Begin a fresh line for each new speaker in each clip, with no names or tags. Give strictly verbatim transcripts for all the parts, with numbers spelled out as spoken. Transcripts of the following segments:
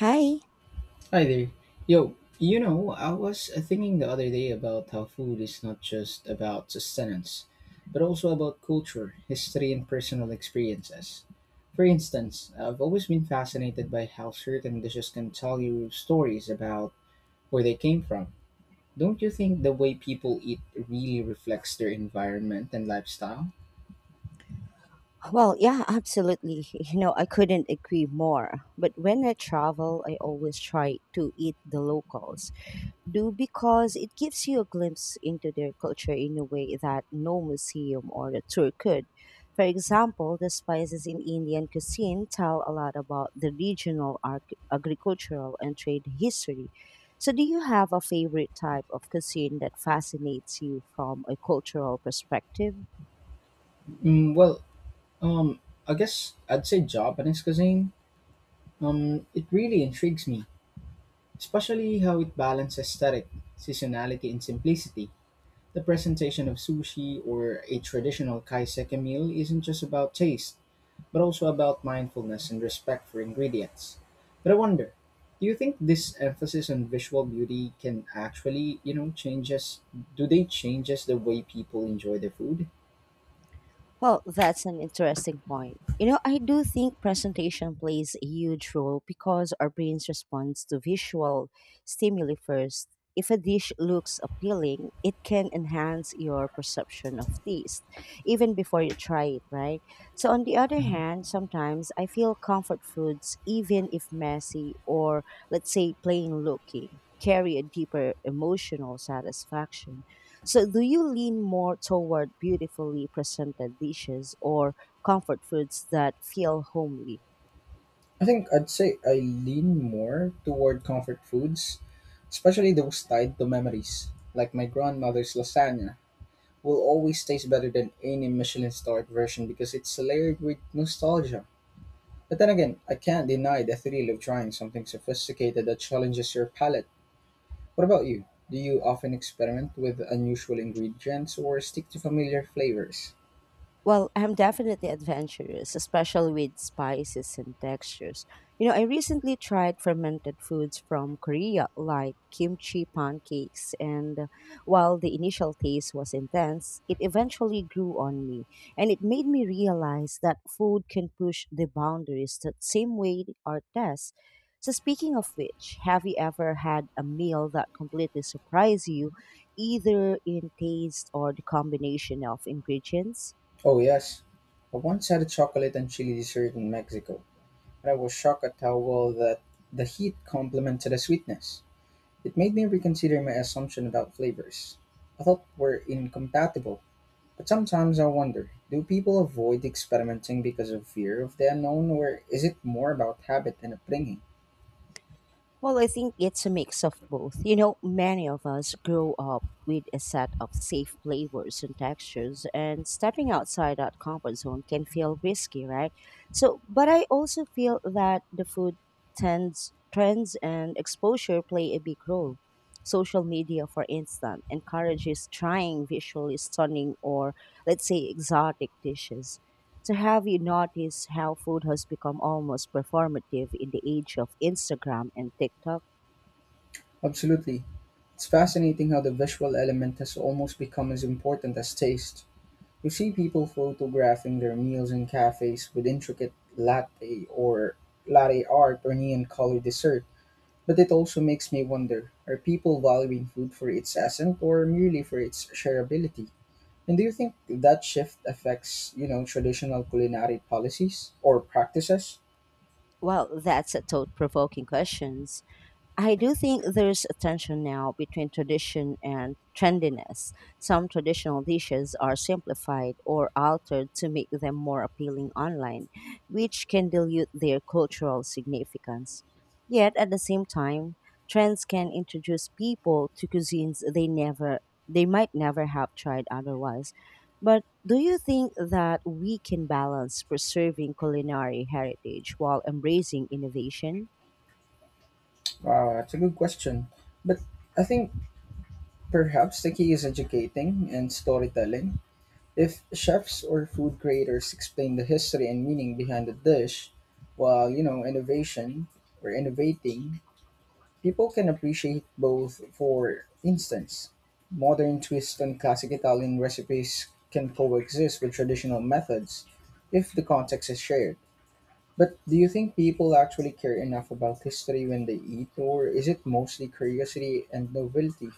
Hi.
Hi there. Yo, you know, I was uh, thinking the other day about how food is not just about sustenance, but also about culture, history, and personal experiences. For instance, I've always been fascinated by how certain dishes can tell you stories about where they came from. Don't you think the way people eat really reflects their environment and lifestyle?
Well, yeah, absolutely. You know, I couldn't agree more. But when I travel, I always try to eat the locals. Do because it gives you a glimpse into their culture in a way that no museum or a tour could. For example, the spices in Indian cuisine tell a lot about the regional arc- agricultural and trade history. So, do you have a favorite type of cuisine that fascinates you from a cultural perspective?
Mm, well, um, I guess I'd say Japanese cuisine. Um, it really intrigues me, especially how it balances aesthetic, seasonality, and simplicity. The presentation of sushi or a traditional kaiseki meal isn't just about taste, but also about mindfulness and respect for ingredients. But I wonder, do you think this emphasis on visual beauty can actually, you know, change us? Do they change us the way people enjoy their food?
Well, that's an interesting point. You know, I do think presentation plays a huge role because our brains respond to visual stimuli first. If a dish looks appealing, it can enhance your perception of taste even before you try it, right? So, on the other hand, sometimes I feel comfort foods, even if messy or let's say plain looking, carry a deeper emotional satisfaction. So, do you lean more toward beautifully presented dishes or comfort foods that feel homely?
I think I'd say I lean more toward comfort foods, especially those tied to memories, like my grandmother's lasagna. Will always taste better than any Michelin starred version because it's layered with nostalgia. But then again, I can't deny the thrill of trying something sophisticated that challenges your palate. What about you? Do you often experiment with unusual ingredients or stick to familiar flavors?
Well, I'm definitely adventurous, especially with spices and textures. You know, I recently tried fermented foods from Korea, like kimchi pancakes, and uh, while the initial taste was intense, it eventually grew on me, and it made me realize that food can push the boundaries the same way art does. So, speaking of which, have you ever had a meal that completely surprised you, either in taste or the combination of ingredients?
Oh, yes. I once had a chocolate and chili dessert in Mexico, and I was shocked at how well that the heat complemented the sweetness. It made me reconsider my assumption about flavors. I thought were incompatible. But sometimes I wonder, do people avoid experimenting because of fear of the unknown, or is it more about habit and upbringing?
Well, I think it's a mix of both. You know, many of us grow up with a set of safe flavors and textures, and stepping outside that comfort zone can feel risky, right? So, but I also feel that the food tends, trends and exposure play a big role. Social media, for instance, encourages trying visually stunning or, let's say, exotic dishes. So have you noticed how food has become almost performative in the age of Instagram and TikTok?
Absolutely. It's fascinating how the visual element has almost become as important as taste. You see people photographing their meals in cafes with intricate latte or latte art or neon colored dessert. But it also makes me wonder, are people valuing food for its essence or merely for its shareability? And do you think that shift affects, you know, traditional culinary policies or practices?
Well, that's a thought provoking question. I do think there's a tension now between tradition and trendiness. Some traditional dishes are simplified or altered to make them more appealing online, which can dilute their cultural significance. Yet at the same time, trends can introduce people to cuisines they never they might never have tried otherwise. But do you think that we can balance preserving culinary heritage while embracing innovation?
Uh, that's a good question. But I think perhaps the key is educating and storytelling. If chefs or food creators explain the history and meaning behind the dish, while, you know, innovation or innovating, people can appreciate both. For instance, modern twists on classic Italian recipes can coexist with traditional methods if the context is shared. But do you think people actually care enough about history when they eat, or is it mostly curiosity and novelty,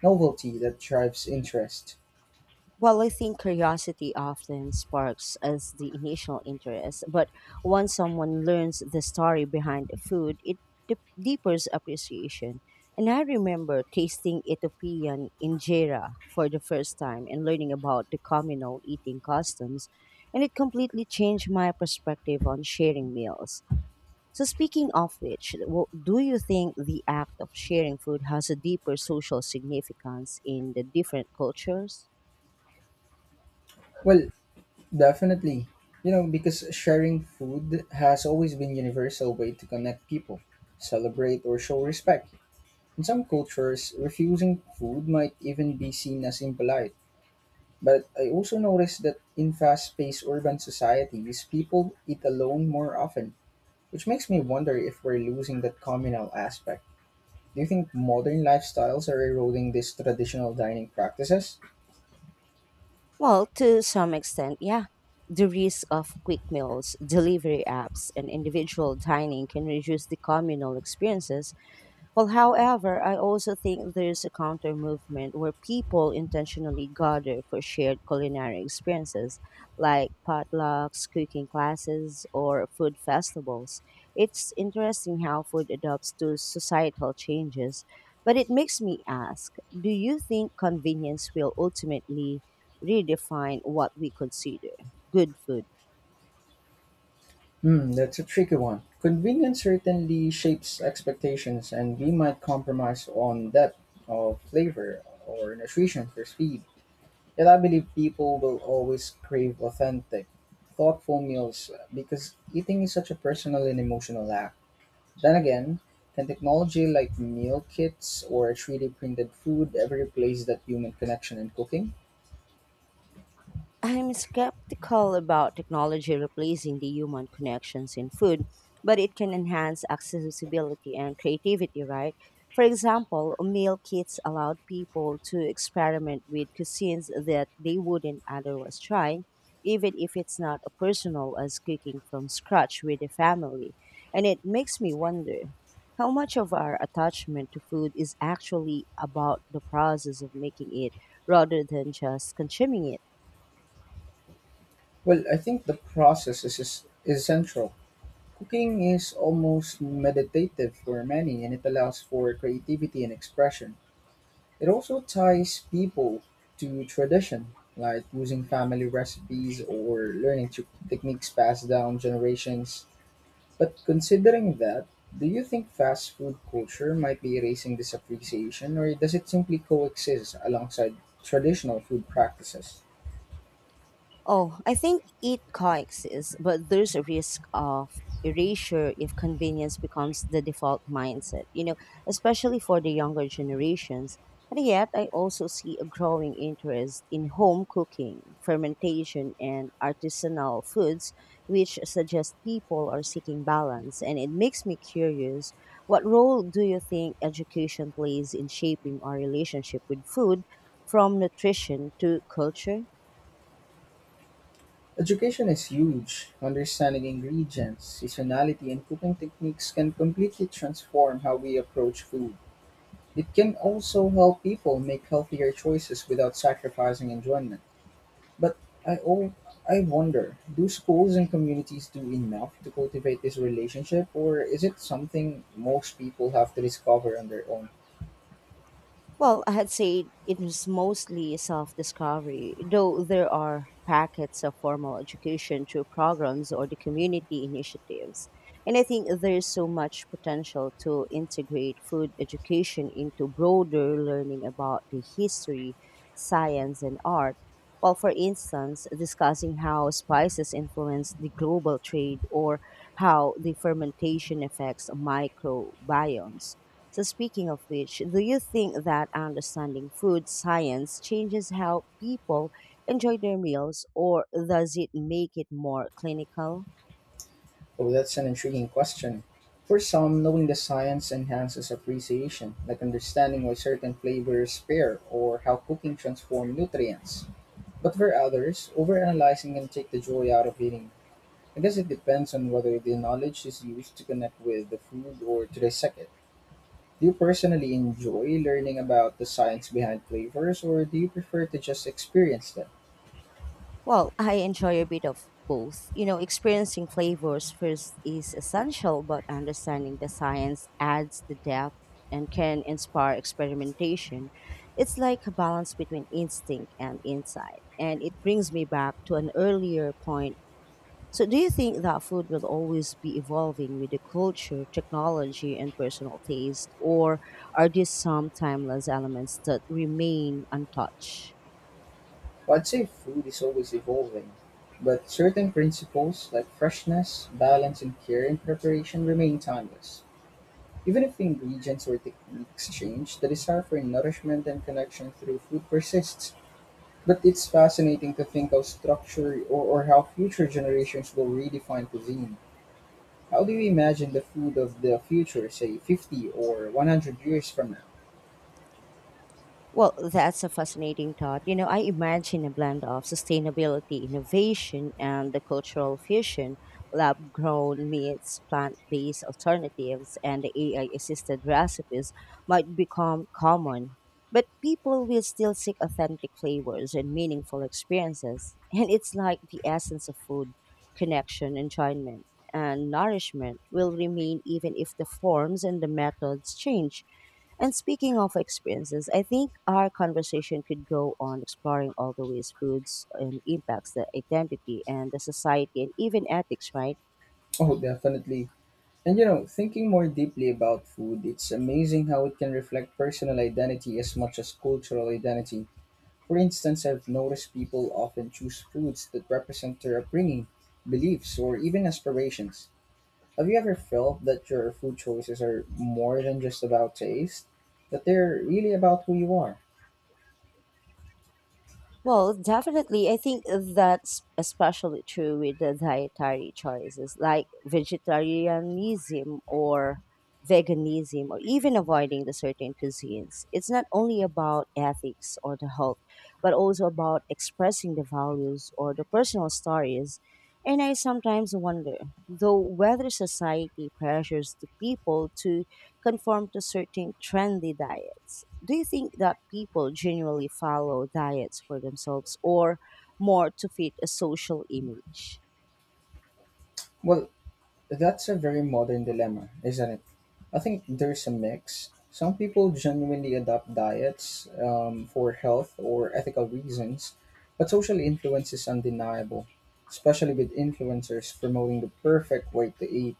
novelty that drives interest?
Well, I think curiosity often sparks as the initial interest, but once someone learns the story behind the food, it de- deepens appreciation. And I remember tasting Ethiopian injera for the first time and learning about the communal eating customs, and it completely changed my perspective on sharing meals. So, speaking of which, w- do you think the act of sharing food has a deeper social significance in the different cultures?
Well, definitely. You know, because sharing food has always been universal way to connect people, celebrate or show respect. In some cultures, refusing food might even be seen as impolite. But I also noticed that in fast-paced urban societies, people eat alone more often. Which makes me wonder if we're losing that communal aspect. Do you think modern lifestyles are eroding these traditional dining practices?
Well, to some extent, yeah. The risk of quick meals, delivery apps, and individual dining can reduce the communal experiences. Well, however, I also think there's a counter movement where people intentionally gather for shared culinary experiences like potlucks, cooking classes, or food festivals. It's interesting how food adapts to societal changes, but it makes me ask, do you think convenience will ultimately redefine what we consider good food?
Hmm, that's a tricky one. Convenience certainly shapes expectations, and we might compromise on depth of flavor or nutrition for speed. Yet I believe people will always crave authentic, thoughtful meals because eating is such a personal and emotional act. Then again, can technology like meal kits or three D printed food ever replace that human connection in cooking?
I'm skeptical about technology replacing the human connections in food, but it can enhance accessibility and creativity, right? For example, meal kits allowed people to experiment with cuisines that they wouldn't otherwise try, even if it's not as personal as cooking from scratch with a family. And it makes me wonder how much of our attachment to food is actually about the process of making it rather than just consuming it.
Well, I think the process is, is, is essential. Cooking is almost meditative for many and it allows for creativity and expression. It also ties people to tradition, like using family recipes or learning to techniques passed down generations. But considering that, do you think fast food culture might be erasing this appreciation, or does it simply coexist alongside traditional food practices?
Oh, I think it coexists, but there's a risk of erasure if convenience becomes the default mindset, you know, especially for the younger generations. And yet, I also see a growing interest in home cooking, fermentation, and artisanal foods, which suggest people are seeking balance. And it makes me curious, what role do you think education plays in shaping our relationship with food, from nutrition to culture?
Education is huge. Understanding ingredients, seasonality, and cooking techniques can completely transform how we approach food. It can also help people make healthier choices without sacrificing enjoyment. But I oh, I wonder, do schools and communities do enough to cultivate this relationship, or is it something most people have to discover on their own?
Well, I had said it was mostly self discovery, though there are packets of formal education through programs or the community initiatives. And I think there's so much potential to integrate food education into broader learning about the history, science, and art. Well, for instance, discussing how spices influence the global trade or how the fermentation affects microbiomes. So, speaking of which, do you think that understanding food science changes how people enjoy their meals, or does it make it more clinical?
Oh, that's an intriguing question. For some, knowing the science enhances appreciation, like understanding why certain flavors pair or how cooking transforms nutrients. But for others, overanalyzing can take the joy out of eating. I guess it depends on whether the knowledge is used to connect with the food or to dissect it. Do you personally enjoy learning about the science behind flavors, or do you prefer to just experience them?
Well, I enjoy a bit of both. You know, experiencing flavors first is essential, but understanding the science adds the depth and can inspire experimentation. It's like a balance between instinct and insight, and it brings me back to an earlier point. So, do you think that food will always be evolving with the culture, technology, and personal taste, or are there some timeless elements that remain untouched?
Well, I'd say food is always evolving, but certain principles like freshness, balance, and care in preparation remain timeless. Even if the ingredients or techniques change, the desire for nourishment and connection through food persists. But it's fascinating to think how structure or, or how future generations will redefine cuisine. How do you imagine the food of the future, say fifty or one hundred years from now?
Well, that's a fascinating thought. You know, I imagine a blend of sustainability, innovation, and the cultural fusion, lab grown meats, plant based alternatives, and the A I assisted recipes might become common. But people will still seek authentic flavors and meaningful experiences. And it's like the essence of food, connection, enjoyment and nourishment will remain even if the forms and the methods change. And speaking of experiences, I think our conversation could go on exploring all the ways foods and impacts the identity and the society and even ethics, right?
Oh, definitely. And you know, thinking more deeply about food, it's amazing how it can reflect personal identity as much as cultural identity. For instance, I've noticed people often choose foods that represent their upbringing, beliefs, or even aspirations. Have you ever felt that your food choices are more than just about taste? That they're really about who you are?
Well, definitely. I think that's especially true with the dietary choices like vegetarianism or veganism or even avoiding the certain cuisines. It's not only about ethics or the health, but also about expressing the values or the personal stories. And I sometimes wonder, though, whether society pressures the people to conform to certain trendy diets. Do you think that people genuinely follow diets for themselves or more to fit a social image?
Well, that's a very modern dilemma, isn't it? I think there's a mix. Some people genuinely adopt diets um, for health or ethical reasons, but social influence is undeniable, especially with influencers promoting the perfect way to eat.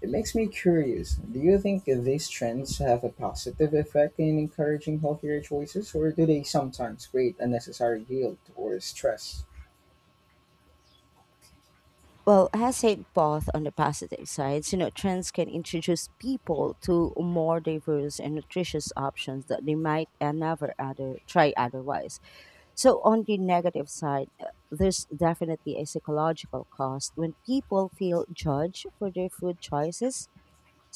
It makes me curious. Do you think these trends have a positive effect in encouraging healthier choices, or do they sometimes create unnecessary guilt or stress?
Well, as said both on the positive sides, you know, trends can introduce people to more diverse and nutritious options that they might uh, never other try otherwise. So on the negative side, uh, there's definitely a psychological cost when people feel judged for their food choices.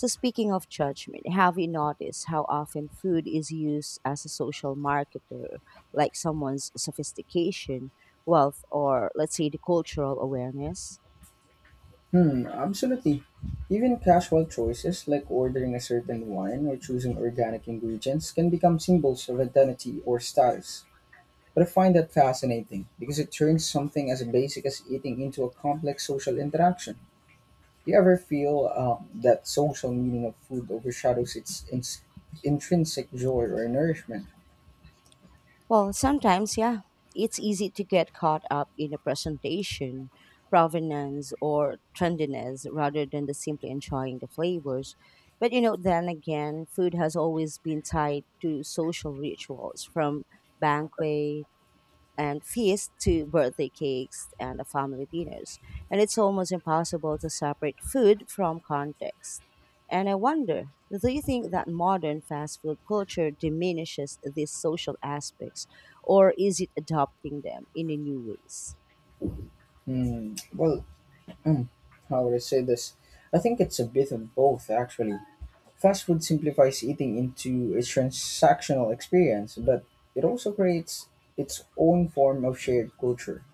So, speaking of judgment, have you noticed how often food is used as a social marketer, like someone's sophistication, wealth, or let's say the cultural awareness?
Hmm, absolutely. Even casual choices like ordering a certain wine or choosing organic ingredients can become symbols of identity or status. But I find that fascinating because it turns something as basic as eating into a complex social interaction. Do you ever feel um, that social meaning of food overshadows its ins- intrinsic joy or nourishment?
Well, sometimes, yeah, it's easy to get caught up in the presentation, provenance, or trendiness rather than the simply enjoying the flavors. But you know, then again, food has always been tied to social rituals, from banquets and feasts to birthday cakes and uh, family dinners. And it's almost impossible to separate food from context. And I wonder, do you think that modern fast food culture diminishes these social aspects, or is it adopting them in a new ways?
Hmm, well, hmm, how would I say this? I think it's a bit of both, actually. Fast food simplifies eating into a transactional experience, but it also creates its own form of shared culture.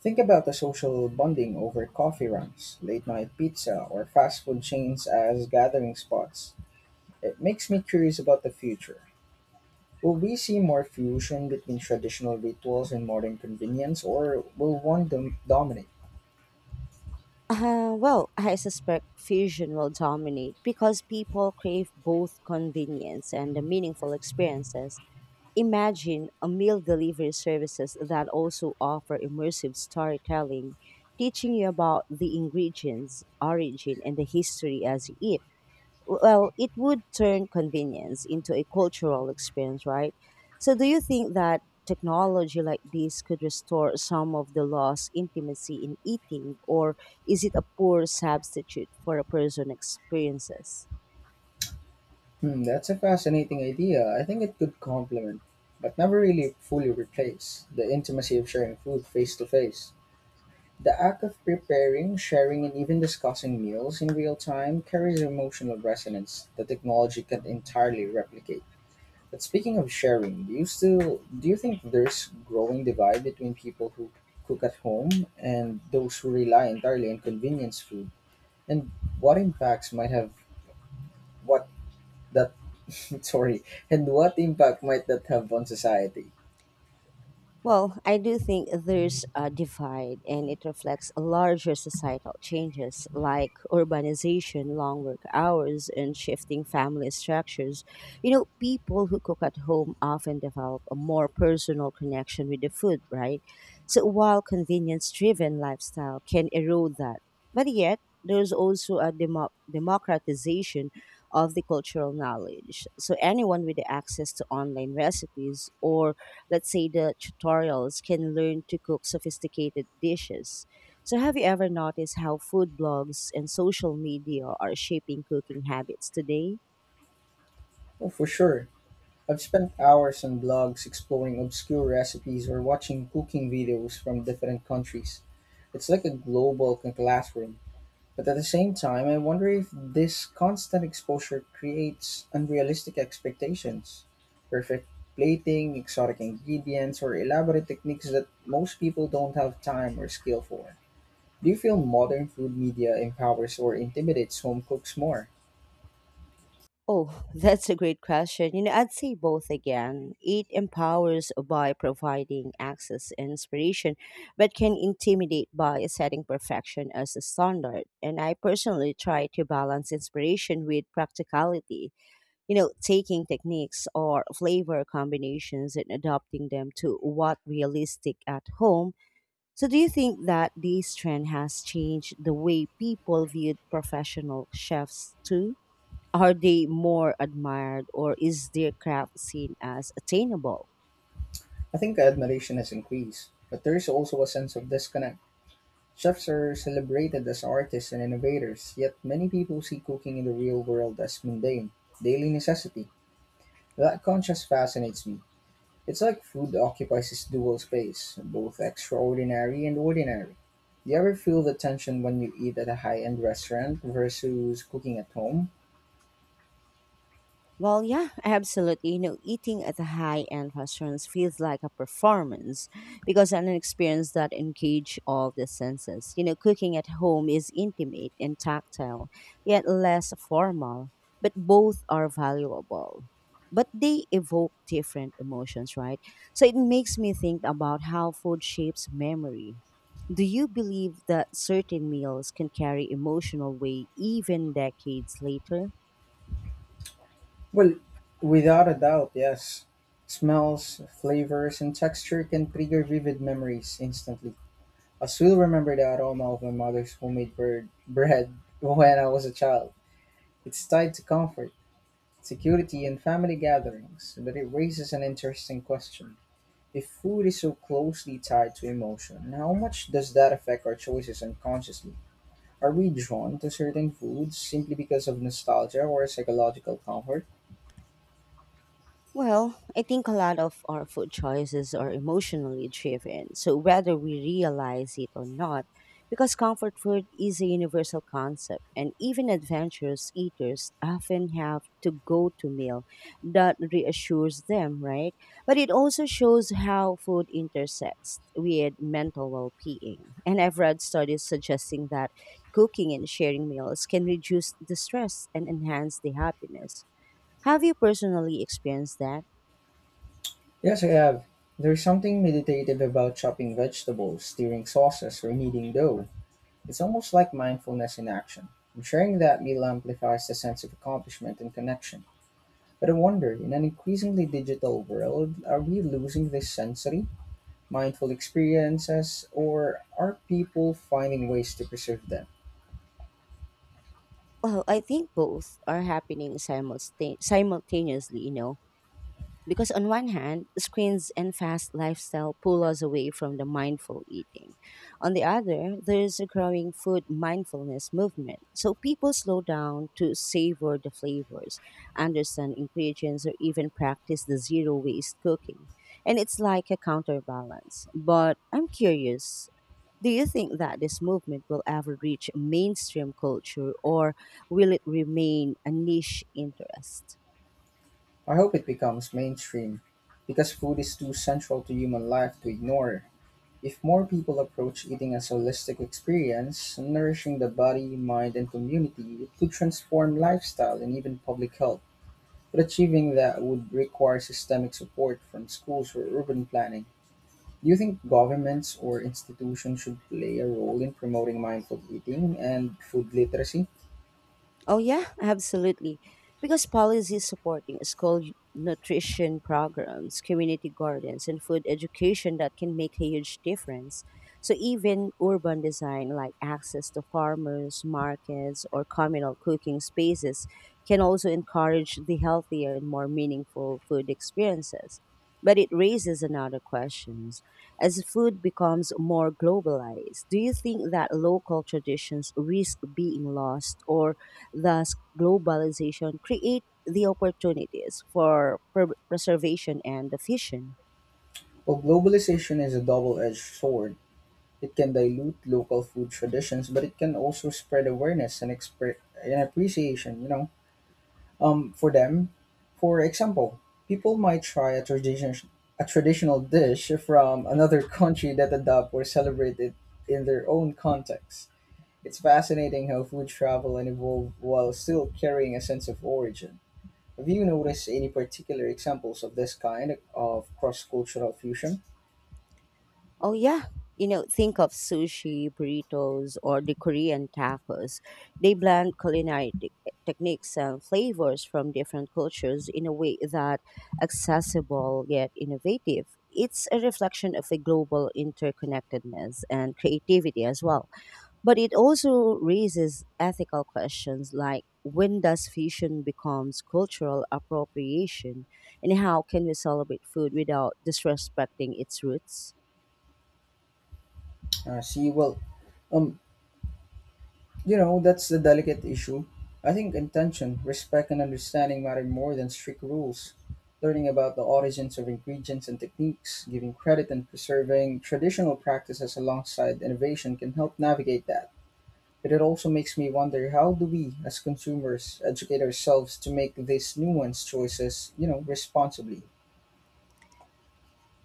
Think about the social bonding over coffee runs, late night pizza, or fast food chains as gathering spots. It makes me curious about the future. Will we see more fusion between traditional rituals and modern convenience, or will one dom- dominate?
Uh, well, I suspect fusion will dominate because people crave both convenience and the meaningful experiences. Imagine a meal delivery services that also offer immersive storytelling, teaching you about the ingredients, origin, and the history as you eat. Well, it would turn convenience into a cultural experience, right? So, do you think that technology like this could restore some of the lost intimacy in eating, or is it a poor substitute for a person experiences?
Hmm, that's a fascinating idea. I think it could complement, but never really fully replace, the intimacy of sharing food face to face. The act of preparing, sharing, and even discussing meals in real time carries emotional resonance that technology can't entirely replicate. But speaking of sharing, do you still do you think there's growing divide between people who cook at home and those who rely entirely on convenience food? And what impacts might have what that sorry, and what impact might that have on society?
Well, I do think there's a divide, and it reflects larger societal changes like urbanization, long work hours, and shifting family structures. You know, people who cook at home often develop a more personal connection with the food, right? So, while convenience driven lifestyle can erode that, but yet, there's also a demo- democratization of the cultural knowledge. So, anyone with the access to online recipes or let's say the tutorials can learn to cook sophisticated dishes. So have you ever noticed how food blogs and social media are shaping cooking habits today?
Oh, for sure. I've spent hours on blogs exploring obscure recipes or watching cooking videos from different countries. It's like a global c- classroom. But at the same time, I wonder if this constant exposure creates unrealistic expectations. Perfect plating, exotic ingredients, or elaborate techniques that most people don't have time or skill for. Do you feel modern food media empowers or intimidates home cooks more?
Oh, that's a great question. You know, I'd say both again. It empowers by providing access and inspiration, but can intimidate by setting perfection as a standard. And I personally try to balance inspiration with practicality, you know, taking techniques or flavor combinations and adopting them to what realistic at home. So do you think that this trend has changed the way people viewed professional chefs too? Are they more admired or is their craft seen as attainable?
I think admiration has increased, but there is also a sense of disconnect. Chefs are celebrated as artists and innovators, yet many people see cooking in the real world as mundane, daily necessity. That contrast fascinates me. It's like food occupies this dual space, both extraordinary and ordinary. Do you ever feel the tension when you eat at a high end restaurant versus cooking at home?
Well, yeah, absolutely. You know, eating at the high end restaurants feels like a performance because an experience that engages all the senses. You know, cooking at home is intimate and tactile, yet less formal, but both are valuable. But they evoke different emotions, right? So it makes me think about how food shapes memory. Do you believe that certain meals can carry emotional weight even decades later?
Well, without a doubt, yes. Smells, flavors, and texture can trigger vivid memories instantly. I still remember the aroma of my mother's homemade bird, bread when I was a child. It's tied to comfort, security, and family gatherings, but it raises an interesting question. If food is so closely tied to emotion, how much does that affect our choices unconsciously? Are we drawn to certain foods simply because of nostalgia or psychological comfort?
Well, I think a lot of our food choices are emotionally driven, so whether we realize it or not, because comfort food is a universal concept, and even adventurous eaters often have to go to meal that reassures them, right? But it also shows how food intersects with mental well being. And I've read studies suggesting that cooking and sharing meals can reduce the stress and enhance the happiness. Have you personally experienced that?
Yes, I have. There's something meditative about chopping vegetables, stirring sauces, or kneading dough. It's almost like mindfulness in action. And sharing that meal amplifies the sense of accomplishment and connection. But I wonder, in an increasingly digital world, are we losing this sensory, mindful experiences, or are people finding ways to preserve them?
Well, I think both are happening simulsta- simultaneously, you know, because on one hand, screens and fast lifestyle pull us away from the mindful eating. On the other, there is a growing food mindfulness movement. So people slow down to savor the flavors, understand ingredients, or even practice the zero waste cooking. And it's like a counterbalance. But I'm curious, do you think that this movement will ever reach mainstream culture or will it remain a niche interest?
I hope it becomes mainstream, because food is too central to human life to ignore. If more people approach eating as a holistic experience, nourishing the body, mind, and community, it could transform lifestyle and even public health. But achieving that would require systemic support from schools or urban planning. Do you think governments or institutions should play a role in promoting mindful eating and food literacy?
Oh yeah, absolutely. Because policies supporting school nutrition programs, community gardens, and food education that can make a huge difference. So even urban design like access to farmers, markets, or communal cooking spaces can also encourage the healthier and more meaningful food experiences. But it raises another questions. As food becomes more globalized, do you think that local traditions risk being lost, or thus, globalization create the opportunities for pre- preservation and fusion.
Well, globalization is a double edged sword. It can dilute local food traditions, but it can also spread awareness and, expre- and appreciation, you know um, for them. For example, people might try a tradition a traditional dish from another country that adopt or celebrate it in their own context. It's fascinating how food travel and evolve while still carrying a sense of origin. Have you noticed any particular examples of this kind of cross-cultural fusion?
Oh yeah, you know, think of sushi, burritos, or the Korean tacos. They blend culinary te- techniques and flavors from different cultures in a way that accessible yet innovative. It's a reflection of a global interconnectedness and creativity as well. But it also raises ethical questions like when does fusion becomes cultural appropriation and how can we celebrate food without disrespecting its roots?
Uh, see, well, um, You know, that's the delicate issue. I think intention, respect, and understanding matter more than strict rules. Learning about the origins of ingredients and techniques, giving credit and preserving traditional practices alongside innovation can help navigate that. But it also makes me wonder, how do we, as consumers, educate ourselves to make these nuanced choices, you know, responsibly?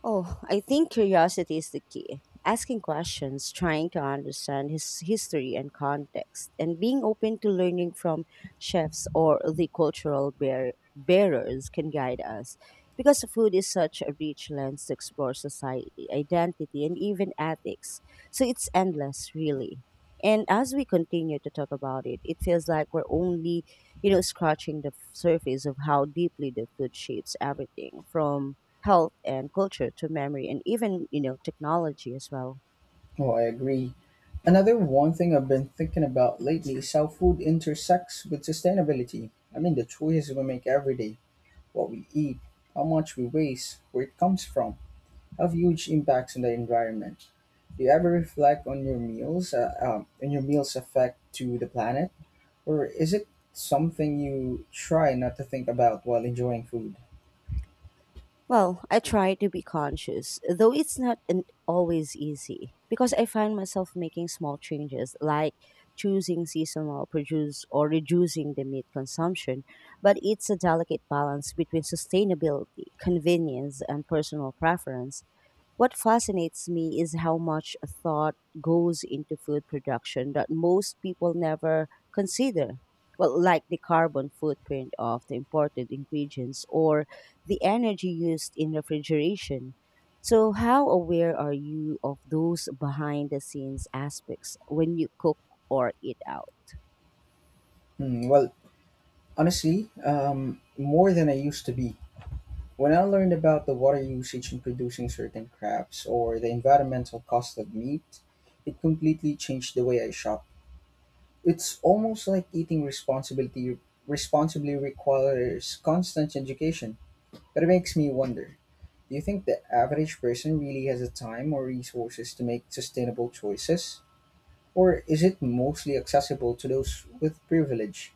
Oh, I think curiosity is the key. Asking questions, trying to understand his history and context, and being open to learning from chefs or the cultural bear- bearers can guide us. Because food is such a rich lens to explore society, identity, and even ethics. So it's endless, really. And as we continue to talk about it, it feels like we're only, you know, scratching the surface of how deeply the food shapes everything from health and culture to memory and even you know technology as well.
Oh, I agree. Another one thing I've been thinking about lately is how food intersects with sustainability. I mean, the choices we make every day, what we eat, how much we waste, where it comes from, have huge impacts on the environment. Do you ever reflect on your meals, uh, um, on your meals' effect to the planet, or is it something you try not to think about while enjoying food?
Well, I try to be conscious, though it's not an, always easy, because I find myself making small changes like choosing seasonal produce or reducing the meat consumption. But it's a delicate balance between sustainability, convenience, and personal preference. What fascinates me is how much thought goes into food production that most people never consider. Well, like the carbon footprint of the imported ingredients or the energy used in refrigeration. So, how aware are you of those behind the scenes aspects when you cook or eat out?
Hmm, well, honestly, um, more than I used to be. When I learned about the water usage in producing certain crabs or the environmental cost of meat, it completely changed the way I shop. It's almost like eating responsibility responsibly requires constant education. But it makes me wonder, do you think the average person really has the time or resources to make sustainable choices? Or is it mostly accessible to those with privilege?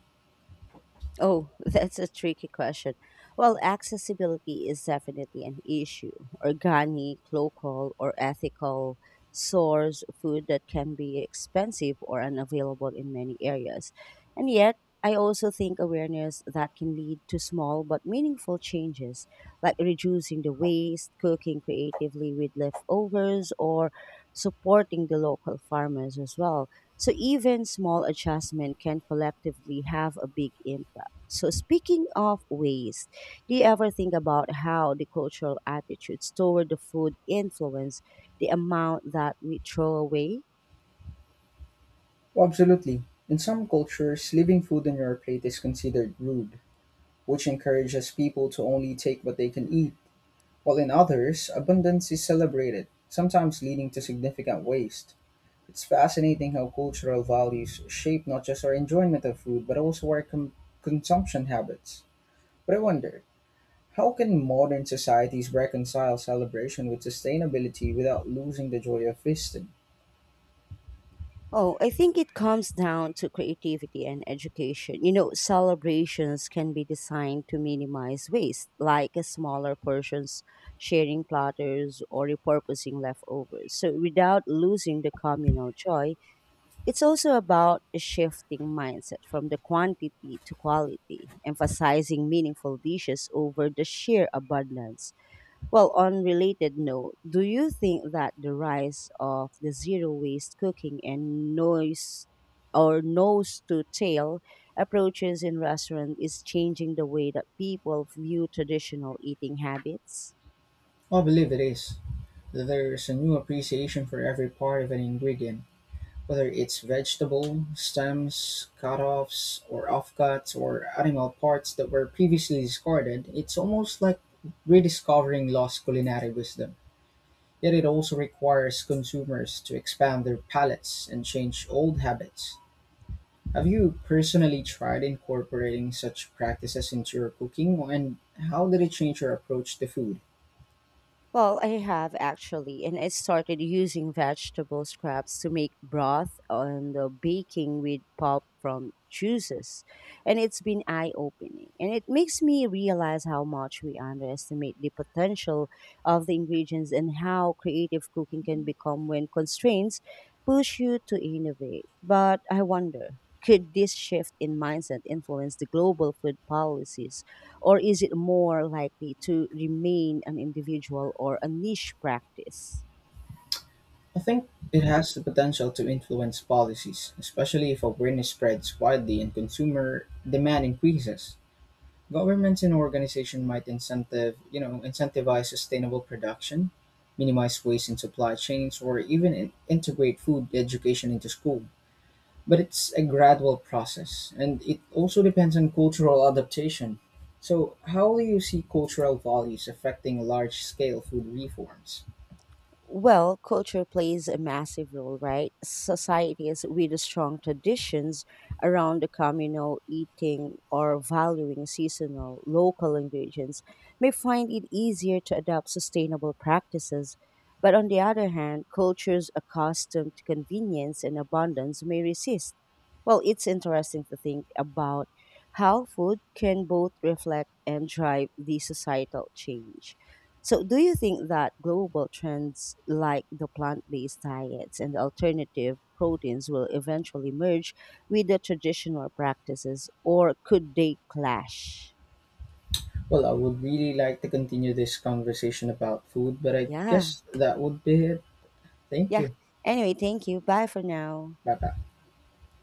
Oh, that's a tricky question. Well, accessibility is definitely an issue. Organic, local, or ethical source food that can be expensive or unavailable in many areas. And yet, I also think awareness that can lead to small but meaningful changes, like reducing the waste, cooking creatively with leftovers, or supporting the local farmers as well. So even small adjustment can collectively have a big impact. So speaking of waste, do you ever think about how the cultural attitudes toward the food influence the amount that we throw away?
Well, absolutely. In some cultures, leaving food on your plate is considered rude, which encourages people to only take what they can eat, while in others, abundance is celebrated, sometimes leading to significant waste. It's fascinating how cultural values shape not just our enjoyment of food, but also our com- consumption habits. But I wonder, how can modern societies reconcile celebration with sustainability without losing the joy of feasting?
Oh, I think it comes down to creativity and education. You know, celebrations can be designed to minimize waste, like a smaller portions, sharing platters, or repurposing leftovers. So, without losing the communal joy. It's also about a shifting mindset from the quantity to quality, emphasizing meaningful dishes over the sheer abundance. Well, on related note, do you think that the rise of the zero waste cooking and noise or nose to tail approaches in restaurant is changing the way that people view traditional eating habits?
I believe it is. There's a new appreciation for every part of an ingredient, whether it's vegetable, stems, cut-offs, or offcuts, or animal parts that were previously discarded. It's almost like rediscovering lost culinary wisdom. Yet it also requires consumers to expand their palates and change old habits. Have you personally tried incorporating such practices into your cooking, and how did it change your approach to food?
Well, I have actually, and I started using vegetable scraps to make broth and the baking with pulp from juices. And it's been eye opening. And it makes me realize how much we underestimate the potential of the ingredients and how creative cooking can become when constraints push you to innovate. But I wonder, could this shift in mindset influence the global food policies? Or is it more likely to remain an individual or a niche practice?
I think it has the potential to influence policies, especially if awareness spreads widely and consumer demand increases. Governments and organizations might incentive, you know, incentivize sustainable production, minimize waste in supply chains, or even in- integrate food education into school. But it's a gradual process and it also depends on cultural adaptation. So, how do you see cultural values affecting large scale food reforms?
Well, culture plays a massive role, right? Societies with strong traditions around the communal eating or valuing seasonal local ingredients may find it easier to adopt sustainable practices. But on the other hand, cultures accustomed to convenience and abundance may resist. Well, it's interesting to think about how food can both reflect and drive the societal change. So, do you think that global trends like the plant based diets and alternative proteins will eventually merge with the traditional practices or could they clash?
Well, I would really like to continue this conversation about food, but I
Yeah.
guess that would be it. Thank
Yeah.
you.
Anyway, thank you. Bye for now.
Bye bye.